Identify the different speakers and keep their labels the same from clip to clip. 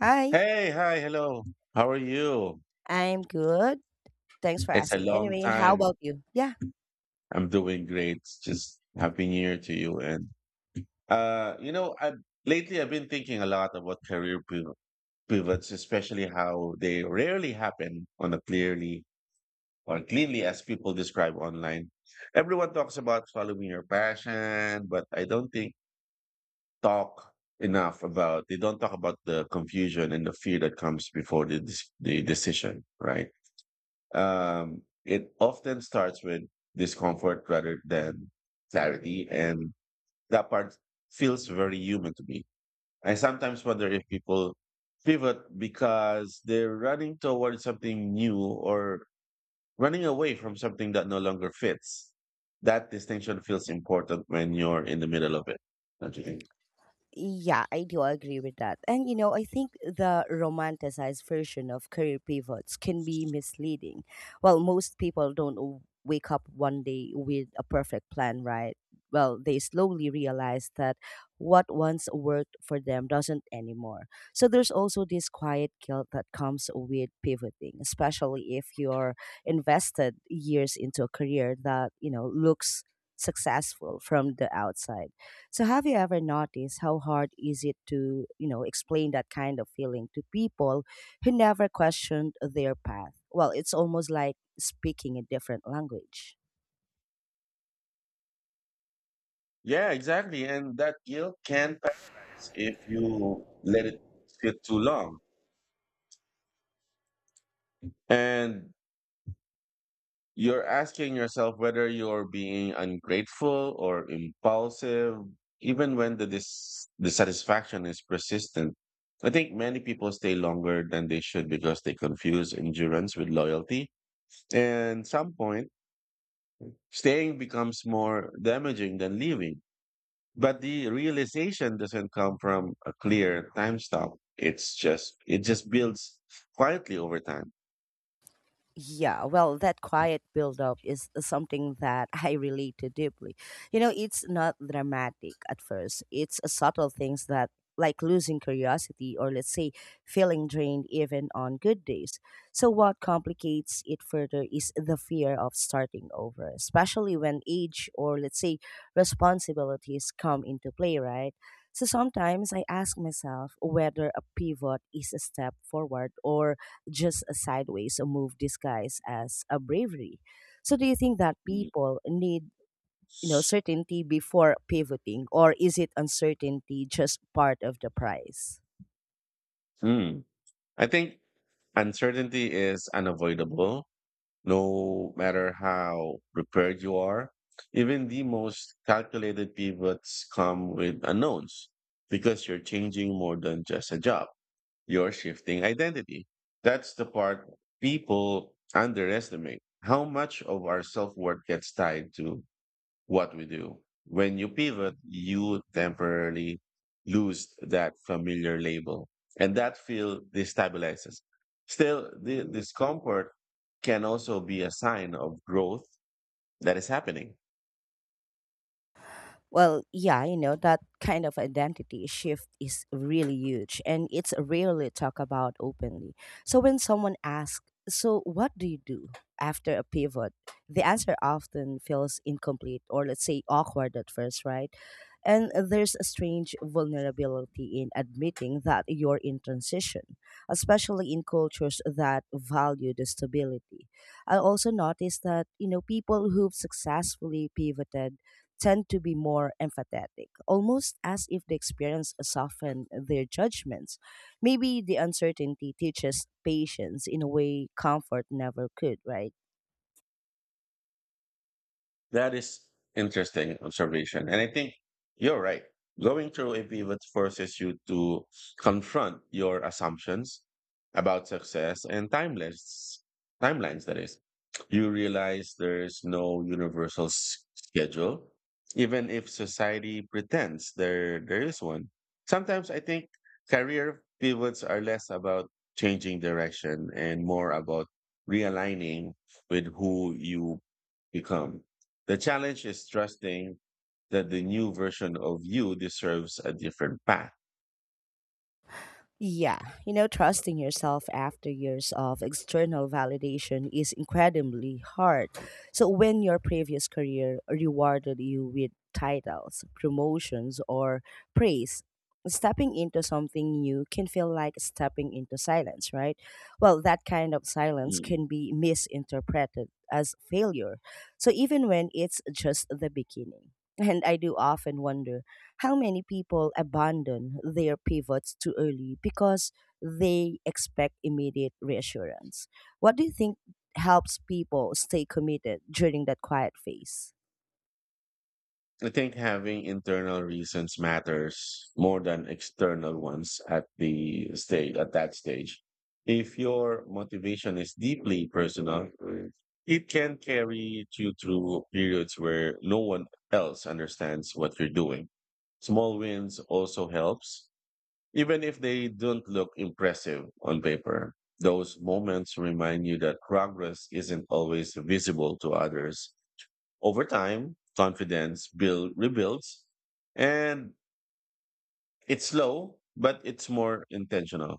Speaker 1: Hi,
Speaker 2: Hey, hi, hello. How are you?
Speaker 1: I'm good. Thanks for
Speaker 2: It's a
Speaker 1: asking.
Speaker 2: long
Speaker 1: Anyway, how
Speaker 2: time.
Speaker 1: about you? Yeah.
Speaker 2: I'm doing great. Just happy new year to you. And I lately I've been thinking a lot about career pivots, especially how they rarely happen on a clearly or cleanly as people describe online. Everyone talks about following your passion, but I don't think talk enough about they don't talk about the confusion and the fear that comes before the the decision, right? It often starts with discomfort rather than clarity, and that part feels very human to me. I sometimes wonder if people pivot because they're running towards something new or running away from something that no longer fits. That distinction feels important when you're in the middle of it, don't you think?
Speaker 1: Yeah, I do agree with that. And I think the romanticized version of career pivots can be misleading. Well, most people don't wake up one day with a perfect plan, right? Well, they slowly realize that what once worked for them doesn't anymore. So there's also this quiet guilt that comes with pivoting, especially if you're invested years into a career that, looks successful from the outside. So have you ever noticed how hard is it to, explain that kind of feeling to people who never questioned their path? Well, it's almost like speaking a different language.
Speaker 2: Yeah, exactly. And that guilt can pass if you let it sit too long. And you're asking yourself whether you're being ungrateful or impulsive, even when the dissatisfaction is persistent. I think many people stay longer than they should because they confuse endurance with loyalty. And some point, staying becomes more damaging than leaving. But the realization doesn't come from a clear time stop. It's just builds quietly over time.
Speaker 1: Yeah, well, that quiet buildup is something that I relate to deeply. You know, it's not dramatic at first, it's a subtle things that, like losing curiosity or let's say feeling drained even on good days. So, what complicates it further is the fear of starting over, especially when age or let's say responsibilities come into play, right? So sometimes I ask myself whether a pivot is a step forward or just a sideways move disguised as a bravery. So do you think that people need certainty before pivoting or is it uncertainty just part of the price?
Speaker 2: Mm. I think uncertainty is unavoidable, no matter how prepared you are. Even the most calculated pivots come with unknowns because you're changing more than just a job, you're shifting identity. That's the part people underestimate how much of our self worth gets tied to what we do. When you pivot, you temporarily lose that familiar label, and that feel destabilizes. Still, the discomfort can also be a sign of growth that is happening.
Speaker 1: Well, yeah, that kind of identity shift is really huge and it's rarely talked about openly. So when someone asks, so what do you do after a pivot? The answer often feels incomplete or, let's say, awkward at first, right? And there's a strange vulnerability in admitting that you're in transition, especially in cultures that value the stability. I also noticed that, people who've successfully pivoted tend to be more empathetic, almost as if the experience softened their judgments. Maybe the uncertainty teaches patience in a way comfort never could, right?
Speaker 2: That is interesting observation. And I think you're right. Going through a pivot forces you to confront your assumptions about success and timelines. Timelines, that is. You realize there's no universal schedule, even if society pretends there is one. Sometimes I think career pivots are less about changing direction and more about realigning with who you become. The challenge is trusting that the new version of you deserves a different path.
Speaker 1: Yeah, trusting yourself after years of external validation is incredibly hard. So, when your previous career rewarded you with titles, promotions, or praise, stepping into something new can feel like stepping into silence, right? Well, that kind of silence
Speaker 2: Mm.
Speaker 1: can be misinterpreted as failure. So, even when it's just the beginning. And I do often wonder how many people abandon their pivots too early because they expect immediate reassurance? What do you think helps people stay committed during that quiet phase?
Speaker 2: I think having internal reasons matters more than external ones at that stage. If your motivation is deeply personal, it can carry you through periods where no one else understands what you're doing. Small wins also helps, even if they don't look impressive on paper. Those moments remind you that progress isn't always visible to others over time, confidence build rebuilds, and it's slow, but it's more intentional.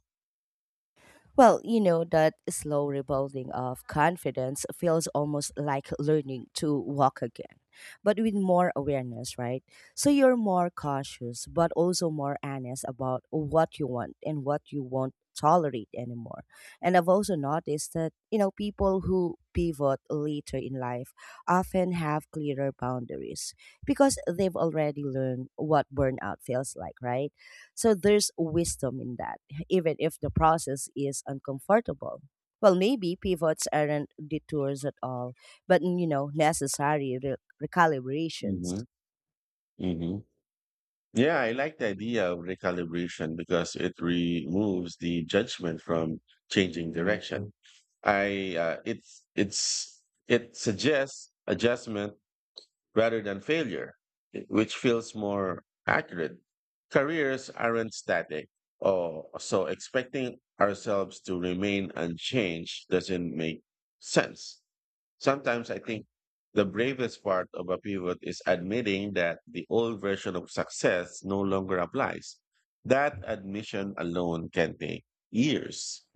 Speaker 1: Well, that slow rebuilding of confidence feels almost like learning to walk again, but with more awareness, right? So you're more cautious, but also more honest about what you want and what you won't tolerate anymore. And I've also noticed that, people who pivot later in life often have clearer boundaries because they've already learned what burnout feels like, right? So there's wisdom in that even if the process is uncomfortable. Well, maybe pivots aren't detours at all, but necessary
Speaker 2: Hmm.
Speaker 1: recalibrations.
Speaker 2: Hmm. Yeah, I like the idea of recalibration because it removes the judgment from changing direction. I it's it suggests adjustment rather than failure, which feels more accurate. Careers aren't static, oh, so expecting ourselves to remain unchanged doesn't make sense. Sometimes I think the bravest part of a pivot is admitting that the old version of success no longer applies. That admission alone can take years.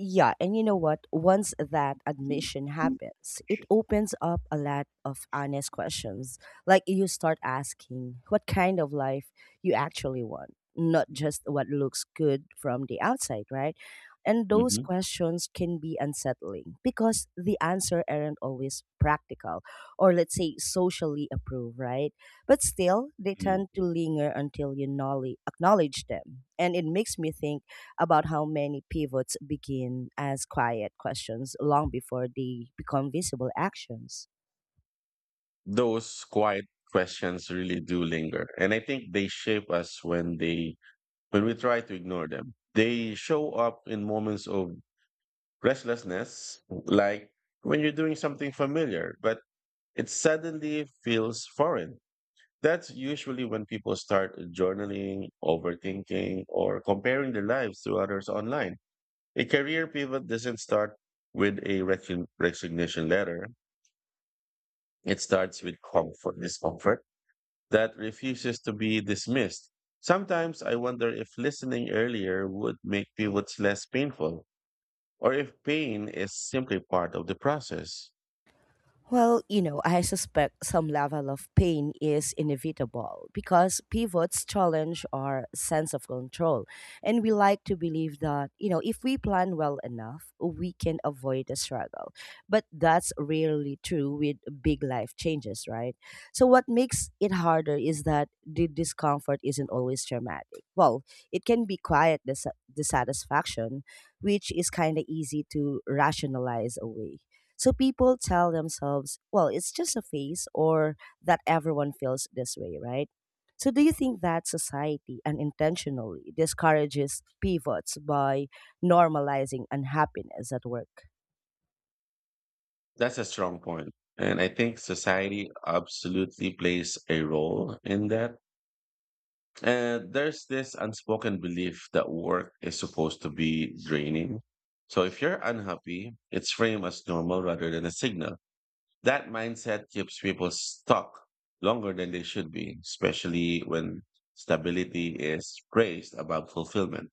Speaker 1: Yeah, and you know what? Once that admission happens, it opens up a lot of honest questions. Like you start asking what kind of life you actually want, not just what looks good from the outside, right? And those
Speaker 2: Mhm.
Speaker 1: questions can be unsettling because the answer aren't always practical or let's say socially approved, right? But still, they tend to linger until you acknowledge them. And it makes me think about how many pivots begin as quiet questions long before they become visible actions.
Speaker 2: Those quiet questions really do linger, and I think they shape us when they when we try to ignore them. They show up in moments of restlessness, like when you're doing something familiar but it suddenly feels foreign. That's usually when people start journaling, overthinking, or comparing their lives to others online. A career pivot doesn't start with a resignation letter. It starts with comfort discomfort that refuses to be dismissed. Sometimes I wonder if listening earlier would make pivots less painful, or if pain is simply part of the process.
Speaker 1: Well, I suspect some level of pain is inevitable because pivots challenge our sense of control. And we like to believe that, if we plan well enough, we can avoid the struggle. But that's rarely true with big life changes, right? So, what makes it harder is that the discomfort isn't always dramatic. Well, it can be quiet dissatisfaction, which is kind of easy to rationalize away. So people tell themselves, well, it's just a phase or that everyone feels this way, right? So do you think that society unintentionally discourages pivots by normalizing unhappiness at work?
Speaker 2: That's a strong point. And I think society absolutely plays a role in that. And there's this unspoken belief that work is supposed to be draining. So if you're unhappy, it's framed as normal rather than a signal. That mindset keeps people stuck longer than they should be, especially when stability is praised above fulfillment.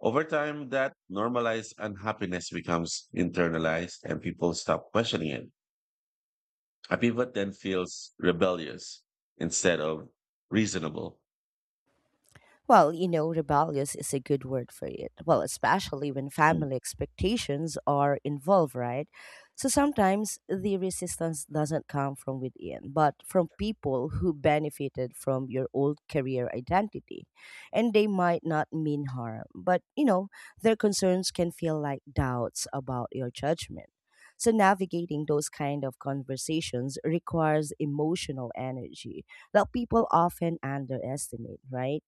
Speaker 2: Over time, that normalized unhappiness becomes internalized and people stop questioning it. A pivot then feels rebellious instead of reasonable.
Speaker 1: Well, rebellious is a good word for it. Well, especially when
Speaker 2: Mm.
Speaker 1: family expectations are involved, right? So sometimes the resistance doesn't come from within, but from people who benefited from your old career identity. And they might not mean harm, but, their concerns can feel like doubts about your judgment. So navigating those kind of conversations requires emotional energy that people often underestimate, right?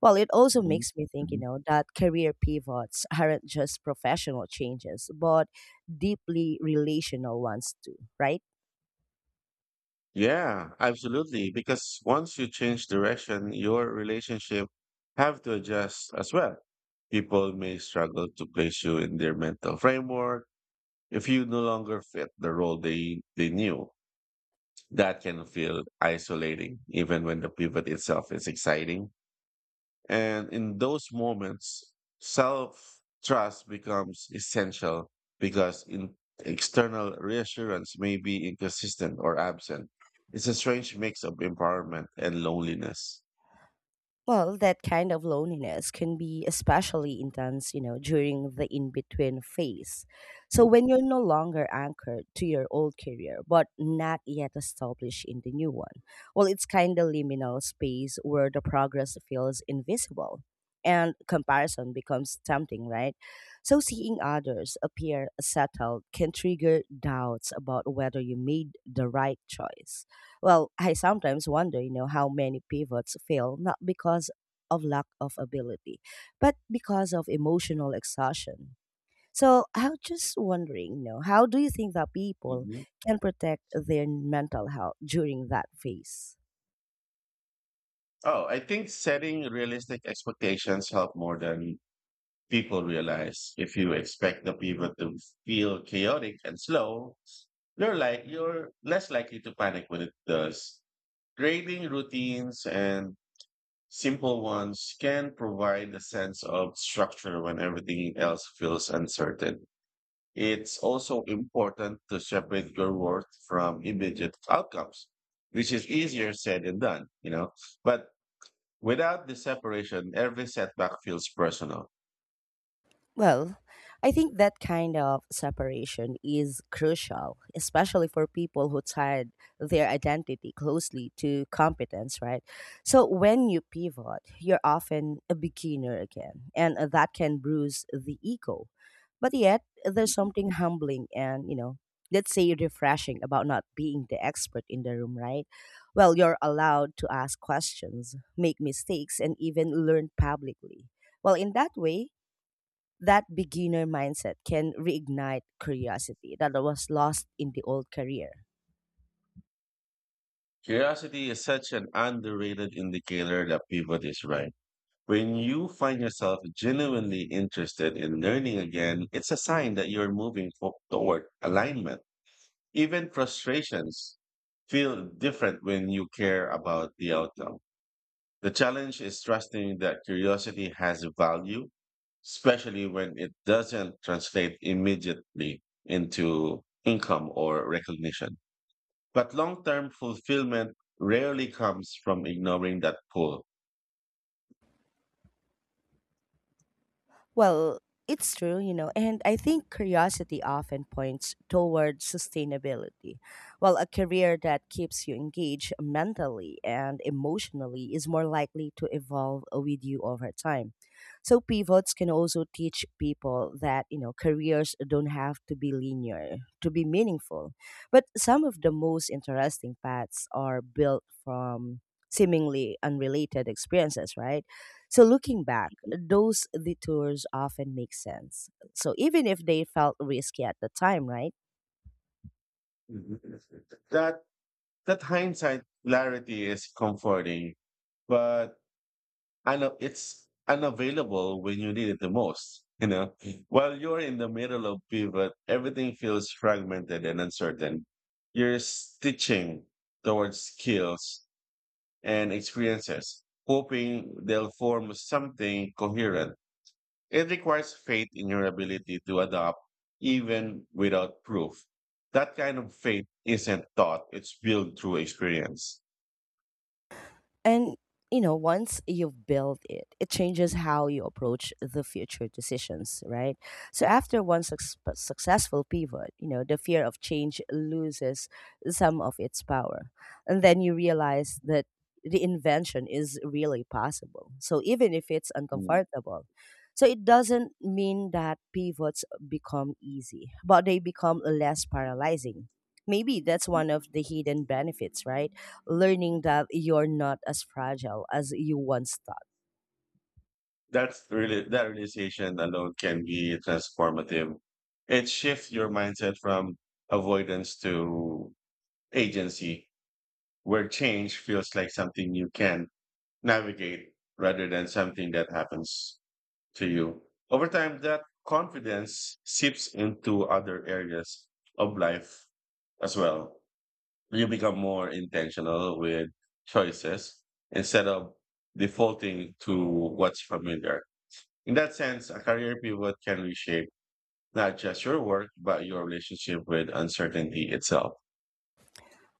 Speaker 1: Well, it also
Speaker 2: Mhm.
Speaker 1: makes me think,
Speaker 2: Mhm.
Speaker 1: that career pivots aren't just professional changes, but deeply relational ones too, right?
Speaker 2: Yeah, absolutely. Because once you change direction, your relationship have to adjust as well. People may struggle to place you in their mental framework if you no longer fit the role they knew. That can feel isolating, even when the pivot itself is exciting. And in those moments, self trust becomes essential because in external reassurance may be inconsistent or absent. It's a strange mix of empowerment and loneliness.
Speaker 1: Well, that kind of loneliness can be especially intense, during the in between phase. So, when you're no longer anchored to your old career, but not yet established in the new one, well, it's kind of liminal space where the progress feels invisible and comparison becomes tempting, right? So, seeing others appear settled can trigger doubts about whether you made the right choice. Well, I sometimes wonder, how many pivots fail not because of lack of ability, but because of emotional exhaustion. So I'm just wondering, how do you think that people
Speaker 2: Mhm.
Speaker 1: can protect their mental health during that phase?
Speaker 2: Oh, I think setting realistic expectations help more than people realize. If you expect the people to feel chaotic and slow, you're less likely to panic when it does. Grading routines and simple ones can provide a sense of structure when everything else feels uncertain. It's also important to separate your worth from immediate outcomes, which is easier said than done, you know. But without the separation, every setback feels personal.
Speaker 1: Well, I think that kind of separation is crucial, especially for people who tied their identity closely to competence, right? So when you pivot, you're often a beginner again, and that can bruise the ego. But yet, there's something humbling and, let's say refreshing about not being the expert in the room, right? Well, you're allowed to ask questions, make mistakes, and even learn publicly. Well, in that way, that beginner mindset can reignite curiosity that was lost in the old career.
Speaker 2: Curiosity is such an underrated indicator that pivot is right. When you find yourself genuinely interested in learning again, it's a sign that you're moving toward alignment. Even frustrations feel different when you care about the outcome. The challenge is trusting that curiosity has value, especially when it doesn't translate immediately into income or recognition. But long term fulfillment rarely comes from ignoring that pull.
Speaker 1: Well, it's true, and I think curiosity often points toward sustainability. While a career that keeps you engaged mentally and emotionally is more likely to evolve with you over time. So, pivots can also teach people that, careers don't have to be linear to be meaningful. But some of the most interesting paths are built from seemingly unrelated experiences, right? So looking back, those detours often make sense. So even if they felt risky at the time, right?
Speaker 2: That that hindsight clarity is comforting, but I know it's unavailable when you need it the most. You know, while you're in the middle of pivot, everything feels fragmented and uncertain. You're stitching towards skills and experiences, hoping they'll form something coherent. It requires faith in your ability to adapt even without proof. That kind of faith isn't taught, it's built through experience.
Speaker 1: And once you've built it, it changes how you approach the future decisions, right? So after one successful pivot, the fear of change loses some of its power. And then you realize that the invention is really possible. So even if it's
Speaker 2: Mm.
Speaker 1: uncomfortable, so it doesn't mean that pivots become easy, but they become less paralyzing. Maybe that's one of the hidden benefits, right? Learning that you're not as fragile as you once thought.
Speaker 2: That's really that realization alone can be transformative. It shifts your mindset from avoidance to agency, where change feels like something you can navigate rather than something that happens to you. Over time, that confidence seeps into other areas of life as well. You become more intentional with choices instead of defaulting to what's familiar. In that sense, a career pivot can reshape not just your work, but your relationship with uncertainty itself.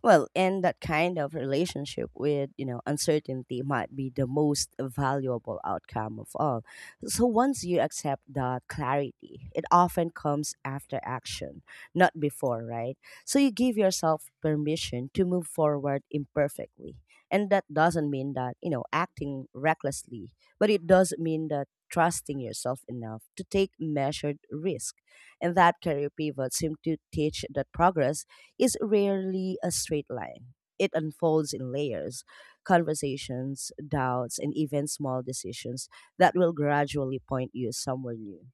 Speaker 1: Well, and that kind of relationship with, uncertainty might be the most valuable outcome of all. So once you accept that clarity, it often comes after action, not before, right? So you give yourself permission to move forward imperfectly. And that doesn't mean that, acting recklessly, but it does mean that trusting yourself enough to take measured risk. And that career pivot seemed to teach that progress is rarely a straight line. It unfolds in layers, conversations, doubts, and even small decisions that will gradually point you somewhere new.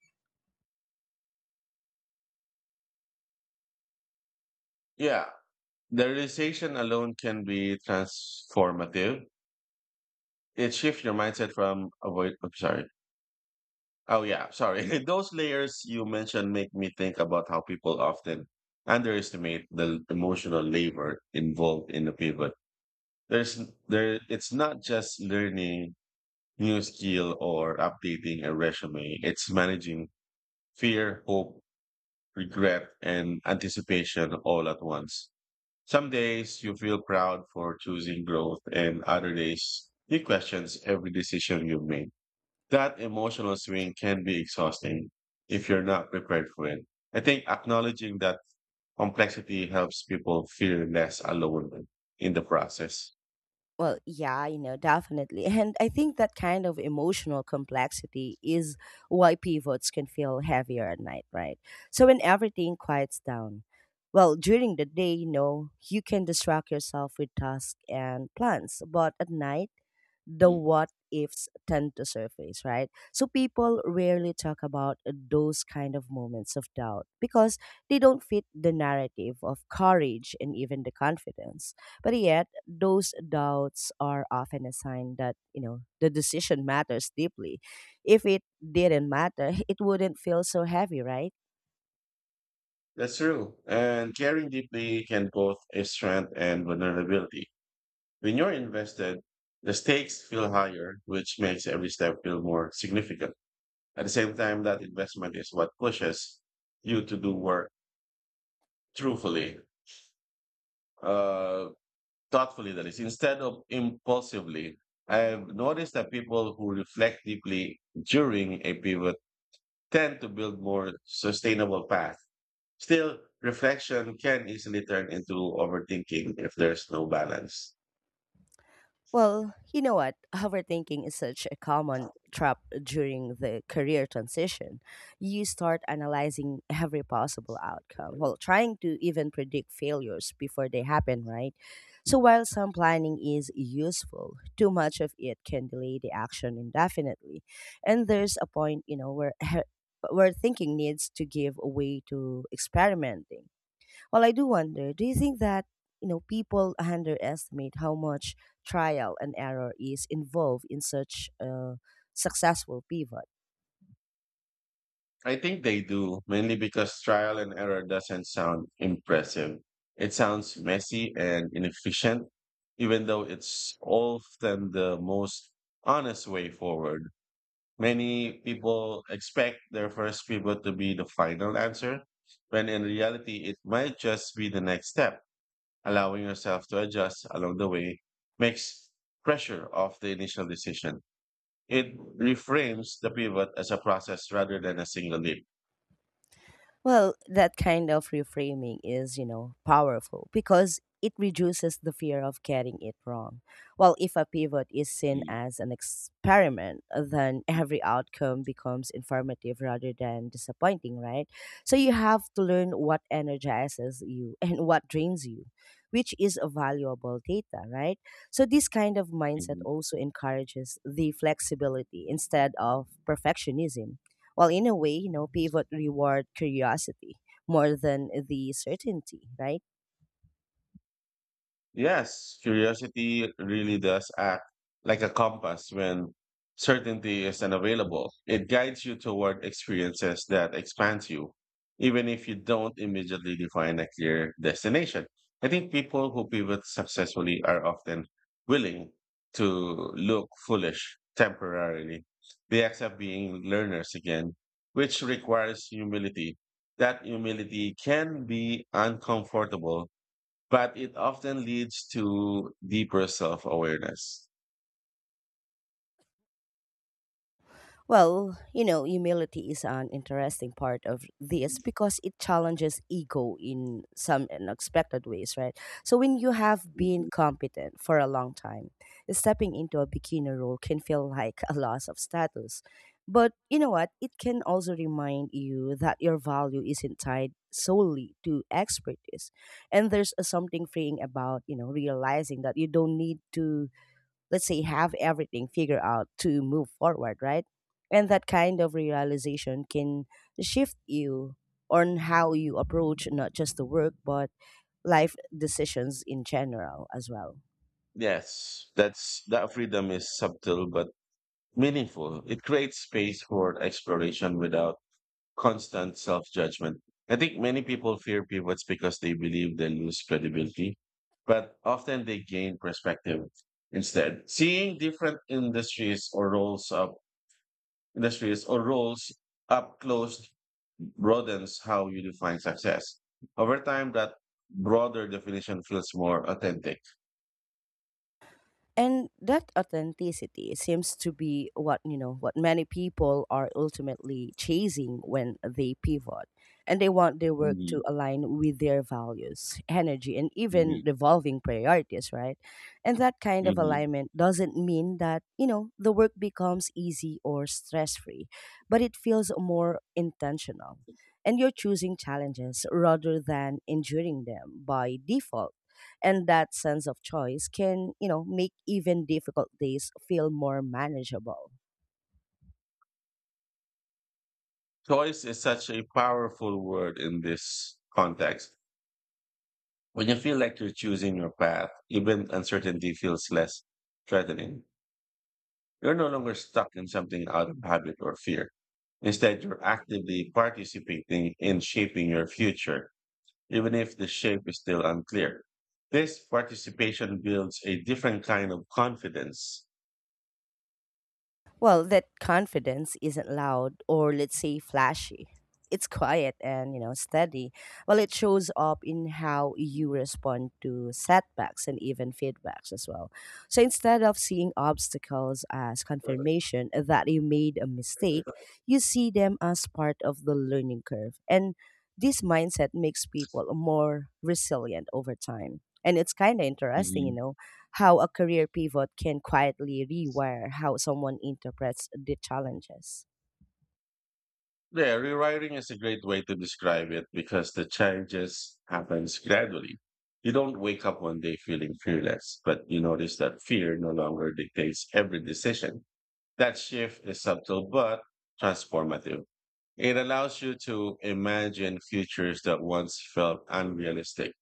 Speaker 2: Yeah, the realization alone can be transformative. It shifts your mindset from avoid. I'm sorry. Oh yeah, sorry. Those layers you mentioned make me think about how people often underestimate the emotional labor involved in the pivot. There's there It's not just learning new skill or updating a resume. It's managing fear, hope, regret, and anticipation all at once. Some days you feel proud for choosing growth and other days you questions every decision you make. That emotional swing can be exhausting if you're not prepared for it. I think acknowledging that complexity helps people feel less alone in the process.
Speaker 1: Well, yeah, definitely. And I think that kind of emotional complexity is why pivots can feel heavier at night, right? So when everything quiets down, well, during the day, you can distract yourself with tasks and plans, but at night, the
Speaker 2: Mm.
Speaker 1: what ifs tend to surface, right? So people rarely talk about those kind of moments of doubt because they don't fit the narrative of courage and even the confidence. But yet, those doubts are often a sign that, the decision matters deeply. If it didn't matter, it wouldn't feel so heavy, right?
Speaker 2: That's true. And caring deeply can both a strength and vulnerability. When you're invested, the stakes feel higher, which makes every step feel more significant. At the same time, that investment is what pushes you to do work truthfully. Uh, Thoughtfully, that is, instead of impulsively. I have noticed that people who reflect deeply during a pivot tend to build more sustainable paths. Still, reflection can easily turn into overthinking if there's no balance.
Speaker 1: Well, you know what? Overthinking is such a common trap during the career transition. You start analyzing every possible outcome, well, trying to even predict failures before they happen, right? So while some planning is useful, too much of it can delay the action indefinitely. And there's a point, where where thinking needs to give way to experimenting. Well, I do wonder, do you think that, people underestimate how much trial and error is involved in such a successful pivot?
Speaker 2: I think they do mainly because trial and error doesn't sound impressive. It sounds messy and inefficient, even though it's often the most honest way forward. Many people expect their first pivot to be the final answer, when in reality, it might just be the next step. Allowing yourself to adjust along the way makes pressure off the initial decision. It reframes the pivot as a process rather than a single leap.
Speaker 1: Well, that kind of reframing is, powerful because it reduces the fear of getting it wrong. Well, if a pivot is seen as an experiment, then every outcome becomes informative rather than disappointing, right? So you have to learn what energizes you and what drains you, which is a valuable data, right? So this kind of mindset
Speaker 2: Mhm.
Speaker 1: also encourages the flexibility instead of perfectionism. Well, in a way, pivot reward curiosity more than the certainty, right?
Speaker 2: Yes, curiosity really does act like a compass when certainty is unavailable. It guides you toward experiences that expand you, even if you don't immediately define a clear destination. I think people who pivot successfully are often willing to look foolish temporarily. They accept being learners again, which requires humility. That humility can be uncomfortable but it often leads to deeper self-awareness.
Speaker 1: Well, humility is an interesting part of this because it challenges ego in some unexpected ways, right? So, when you have been
Speaker 2: Mhm.
Speaker 1: competent for a long time, stepping into a beginner role can feel like a loss of status. But you know what? It can also remind you that your value isn't tied solely to expertise. And there's a something freeing about, realizing that you don't need to, let's say, have everything figured out to move forward, right? And that kind of realization can shift you on how you approach not just the work but life decisions in general as well.
Speaker 2: Yes, that's that freedom is subtle but meaningful. It creates space for exploration without constant self-judgment. I think many people fear pivots because they believe they lose credibility, but often they gain perspective instead. Seeing different industries or roles up close broadens how you define success. Over time, that broader definition feels more authentic.
Speaker 1: And that authenticity seems to be what, many people are ultimately chasing when they pivot, and they want their work to
Speaker 2: Hmm.
Speaker 1: align with their values, energy, and
Speaker 2: Hmm.
Speaker 1: even evolving priorities, right? And that kind of
Speaker 2: Hmm.
Speaker 1: alignment doesn't mean that, the work becomes easy or stress free, but it feels more intentional, and you're choosing challenges rather than enduring them by default. And that sense of choice can, make even difficult days feel more manageable.
Speaker 2: Choice is such a powerful word in this context. When you feel like you're choosing your path, even uncertainty feels less threatening. You're no longer stuck in something out of habit or fear. Instead, you're actively participating in shaping your future, even if the shape is still unclear. This participation builds a different kind of confidence.
Speaker 1: Well, that confidence isn't loud or, let's say, flashy. It's quiet and, steady. Well, it shows up in how you respond to setbacks and even feedbacks as well. So instead of seeing obstacles as confirmation that you made a mistake, you see them as part of the learning curve. And this mindset makes people more resilient over time. And it's kind of interesting, you
Speaker 2: Mhm.
Speaker 1: know, how a career pivot can quietly rewire how someone interprets the challenges.
Speaker 2: Yeah, rewriting is a great way to describe it because the changes happens gradually. You don't wake up one day feeling fearless, but you notice that fear no longer dictates every decision. That shift is subtle but transformative. It allows you to imagine futures that once felt unrealistic.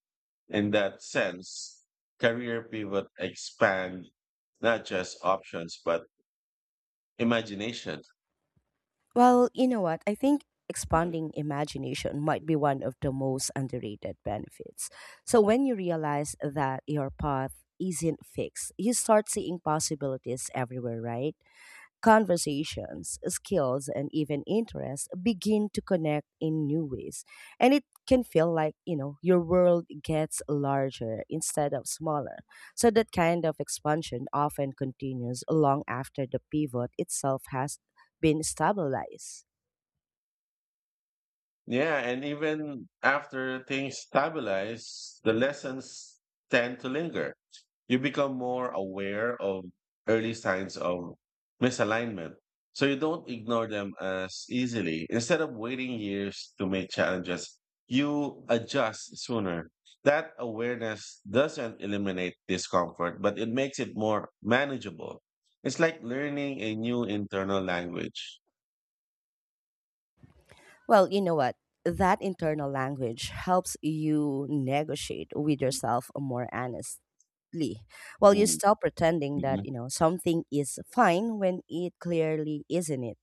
Speaker 2: In that sense, career pivot expand not just options but imagination.
Speaker 1: Well, you know what? I think expanding imagination might be one of the most underrated benefits. So when you realize that your path isn't fixed, you start seeing possibilities everywhere, right? Conversations, skills, and even interests begin to connect in new ways. And it can feel like, your world gets larger instead of smaller. So that kind of expansion often continues long after the pivot itself has been stabilized.
Speaker 2: Yeah, and even after things stabilize, the lessons tend to linger. You become more aware of early signs of misalignment. So you don't ignore them as easily. Instead of waiting years to make challenges, you adjust sooner. That awareness doesn't eliminate discomfort, but it makes it more manageable. It's like learning a new internal language.
Speaker 1: Well, you know what? That internal language helps you negotiate with yourself more honestly. Well, you
Speaker 2: Mm,
Speaker 1: stop pretending that,
Speaker 2: mhm.
Speaker 1: something is fine when it clearly isn't it.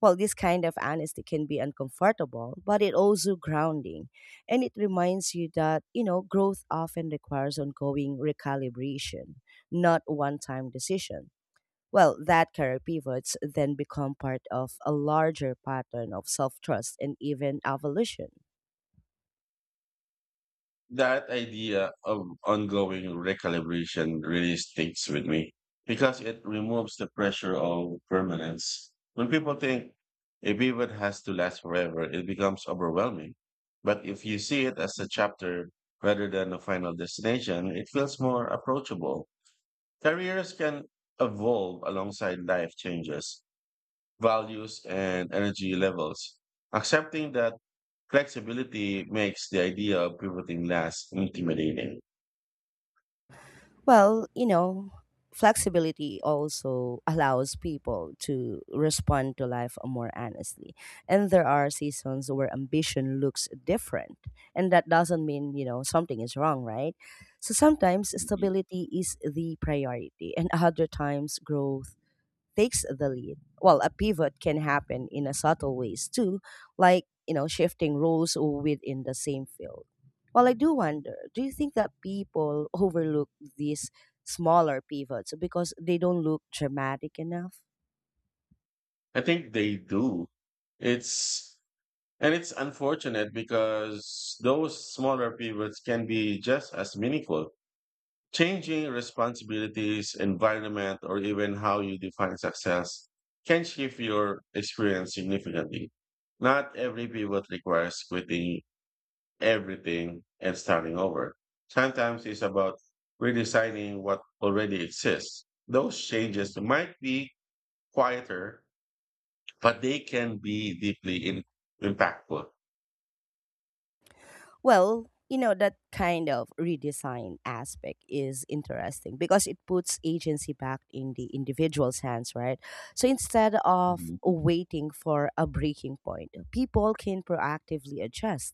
Speaker 1: Well, this kind of honesty can be uncomfortable, but it also grounding. And it reminds you that, growth often requires ongoing recalibration, not one time decision. Well, that career pivots then become part of a larger pattern of self trust and even evolution.
Speaker 2: That idea of ongoing recalibration really sticks with me because it removes the pressure of permanence. When people think a pivot has to last forever, it becomes overwhelming. But if you see it as a chapter rather than a final destination, it feels more approachable. Careers can evolve alongside life changes, values, and energy levels. Accepting that flexibility makes the idea of pivoting less intimidating.
Speaker 1: Well, you know, flexibility also allows people to respond to life more honestly. And there are seasons where ambition looks different. And that doesn't mean, something is wrong, right? So sometimes
Speaker 2: Mhm.
Speaker 1: stability is the priority, and other times growth takes the lead. Well, a pivot can happen in a subtle ways too, like, shifting roles within the same field. Well, I do wonder, do you think that people overlook these smaller pivots because they don't look dramatic enough?
Speaker 2: I think they do. It's And it's unfortunate because those smaller pivots can be just as meaningful. Changing responsibilities, environment, or even how you define success can shift your experience significantly. Not every pivot requires quitting everything and starting over. Sometimes it's about redesigning what already exists. Those changes might be quieter, but they can be deeply impactful.
Speaker 1: Well, you know, that kind of redesign aspect is interesting because it puts agency back in the individual's hands, right? So instead of
Speaker 2: Mhm.
Speaker 1: waiting for a breaking point, people can proactively adjust.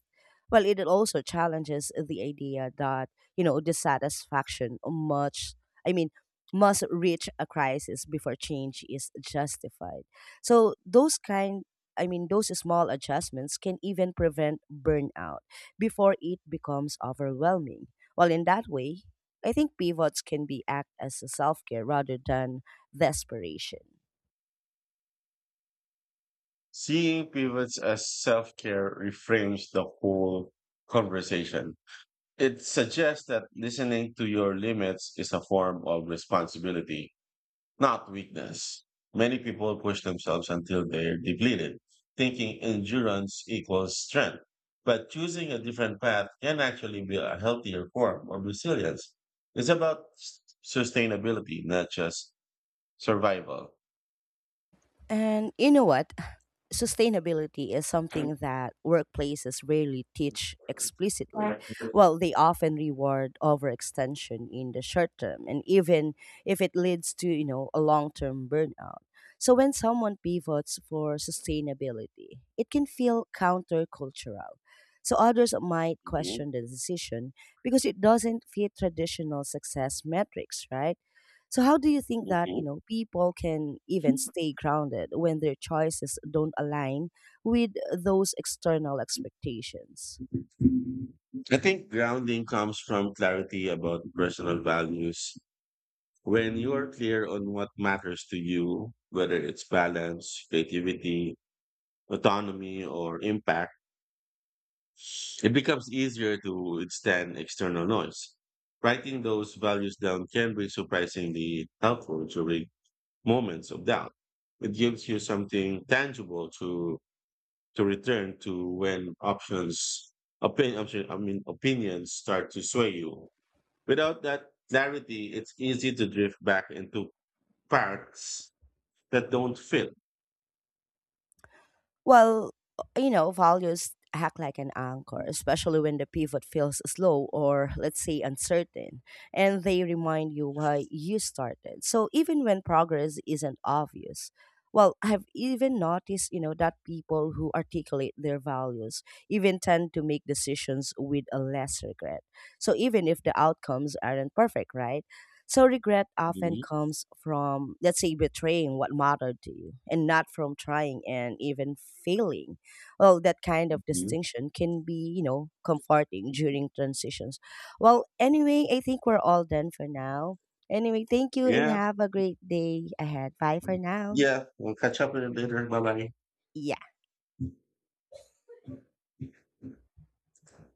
Speaker 1: Well, it also challenges the idea that, you know, dissatisfaction I mean, must reach a crisis before change is justified. So those kind I mean, those small adjustments can even prevent burnout before it becomes overwhelming. Well, in that way, I think pivots can be act as a self-care rather than desperation.
Speaker 2: Seeing pivots as self care reframes the whole conversation. It suggests that listening to your limits is a form of responsibility, not weakness. Many people push themselves until they're depleted, thinking endurance equals strength. But choosing a different path can actually be a healthier form of resilience. It's about sustainability, not just survival.
Speaker 1: And you know what? Sustainability is something that workplaces rarely teach
Speaker 2: Right.
Speaker 1: explicitly. Well, they often reward overextension in the short term, and even if it leads to, a long term burnout. So when someone pivots for sustainability, it can feel countercultural. So others might
Speaker 2: Mhm,
Speaker 1: question the decision because it doesn't fit traditional success metrics, right? So how do you think that,
Speaker 2: mhm.
Speaker 1: people can even stay grounded when their choices don't align with those external expectations?
Speaker 2: I think grounding comes from clarity about personal values. When you're clear on what matters to you, whether it's balance, creativity, autonomy, or impact, it becomes easier to withstand external noise. Writing those values down can be surprisingly helpful during moments of doubt. It gives you something tangible to return to when opinion, I mean, opinions start to sway you. Without that clarity, it's easy to drift back into parts that don't fit.
Speaker 1: Well, you know, values act like an anchor, especially when the pivot feels slow or, let's say, uncertain, and they remind you why you started. So even when progress isn't obvious, well, I've even noticed, that people who articulate their values even tend to make decisions with a less regret. So even if the outcomes aren't perfect, right? So regret often
Speaker 2: Mhm,
Speaker 1: comes from, let's say, betraying what mattered to you and not from trying and even failing. Well, that kind of
Speaker 2: mhm.
Speaker 1: distinction can be, comforting during transitions. Well, anyway, I think we're all done for now. Anyway, thank you and
Speaker 2: Yeah,
Speaker 1: have a great day ahead. Bye for now.
Speaker 2: yeah. We'll catch up with it later. Bye
Speaker 1: Yeah.
Speaker 2: bye.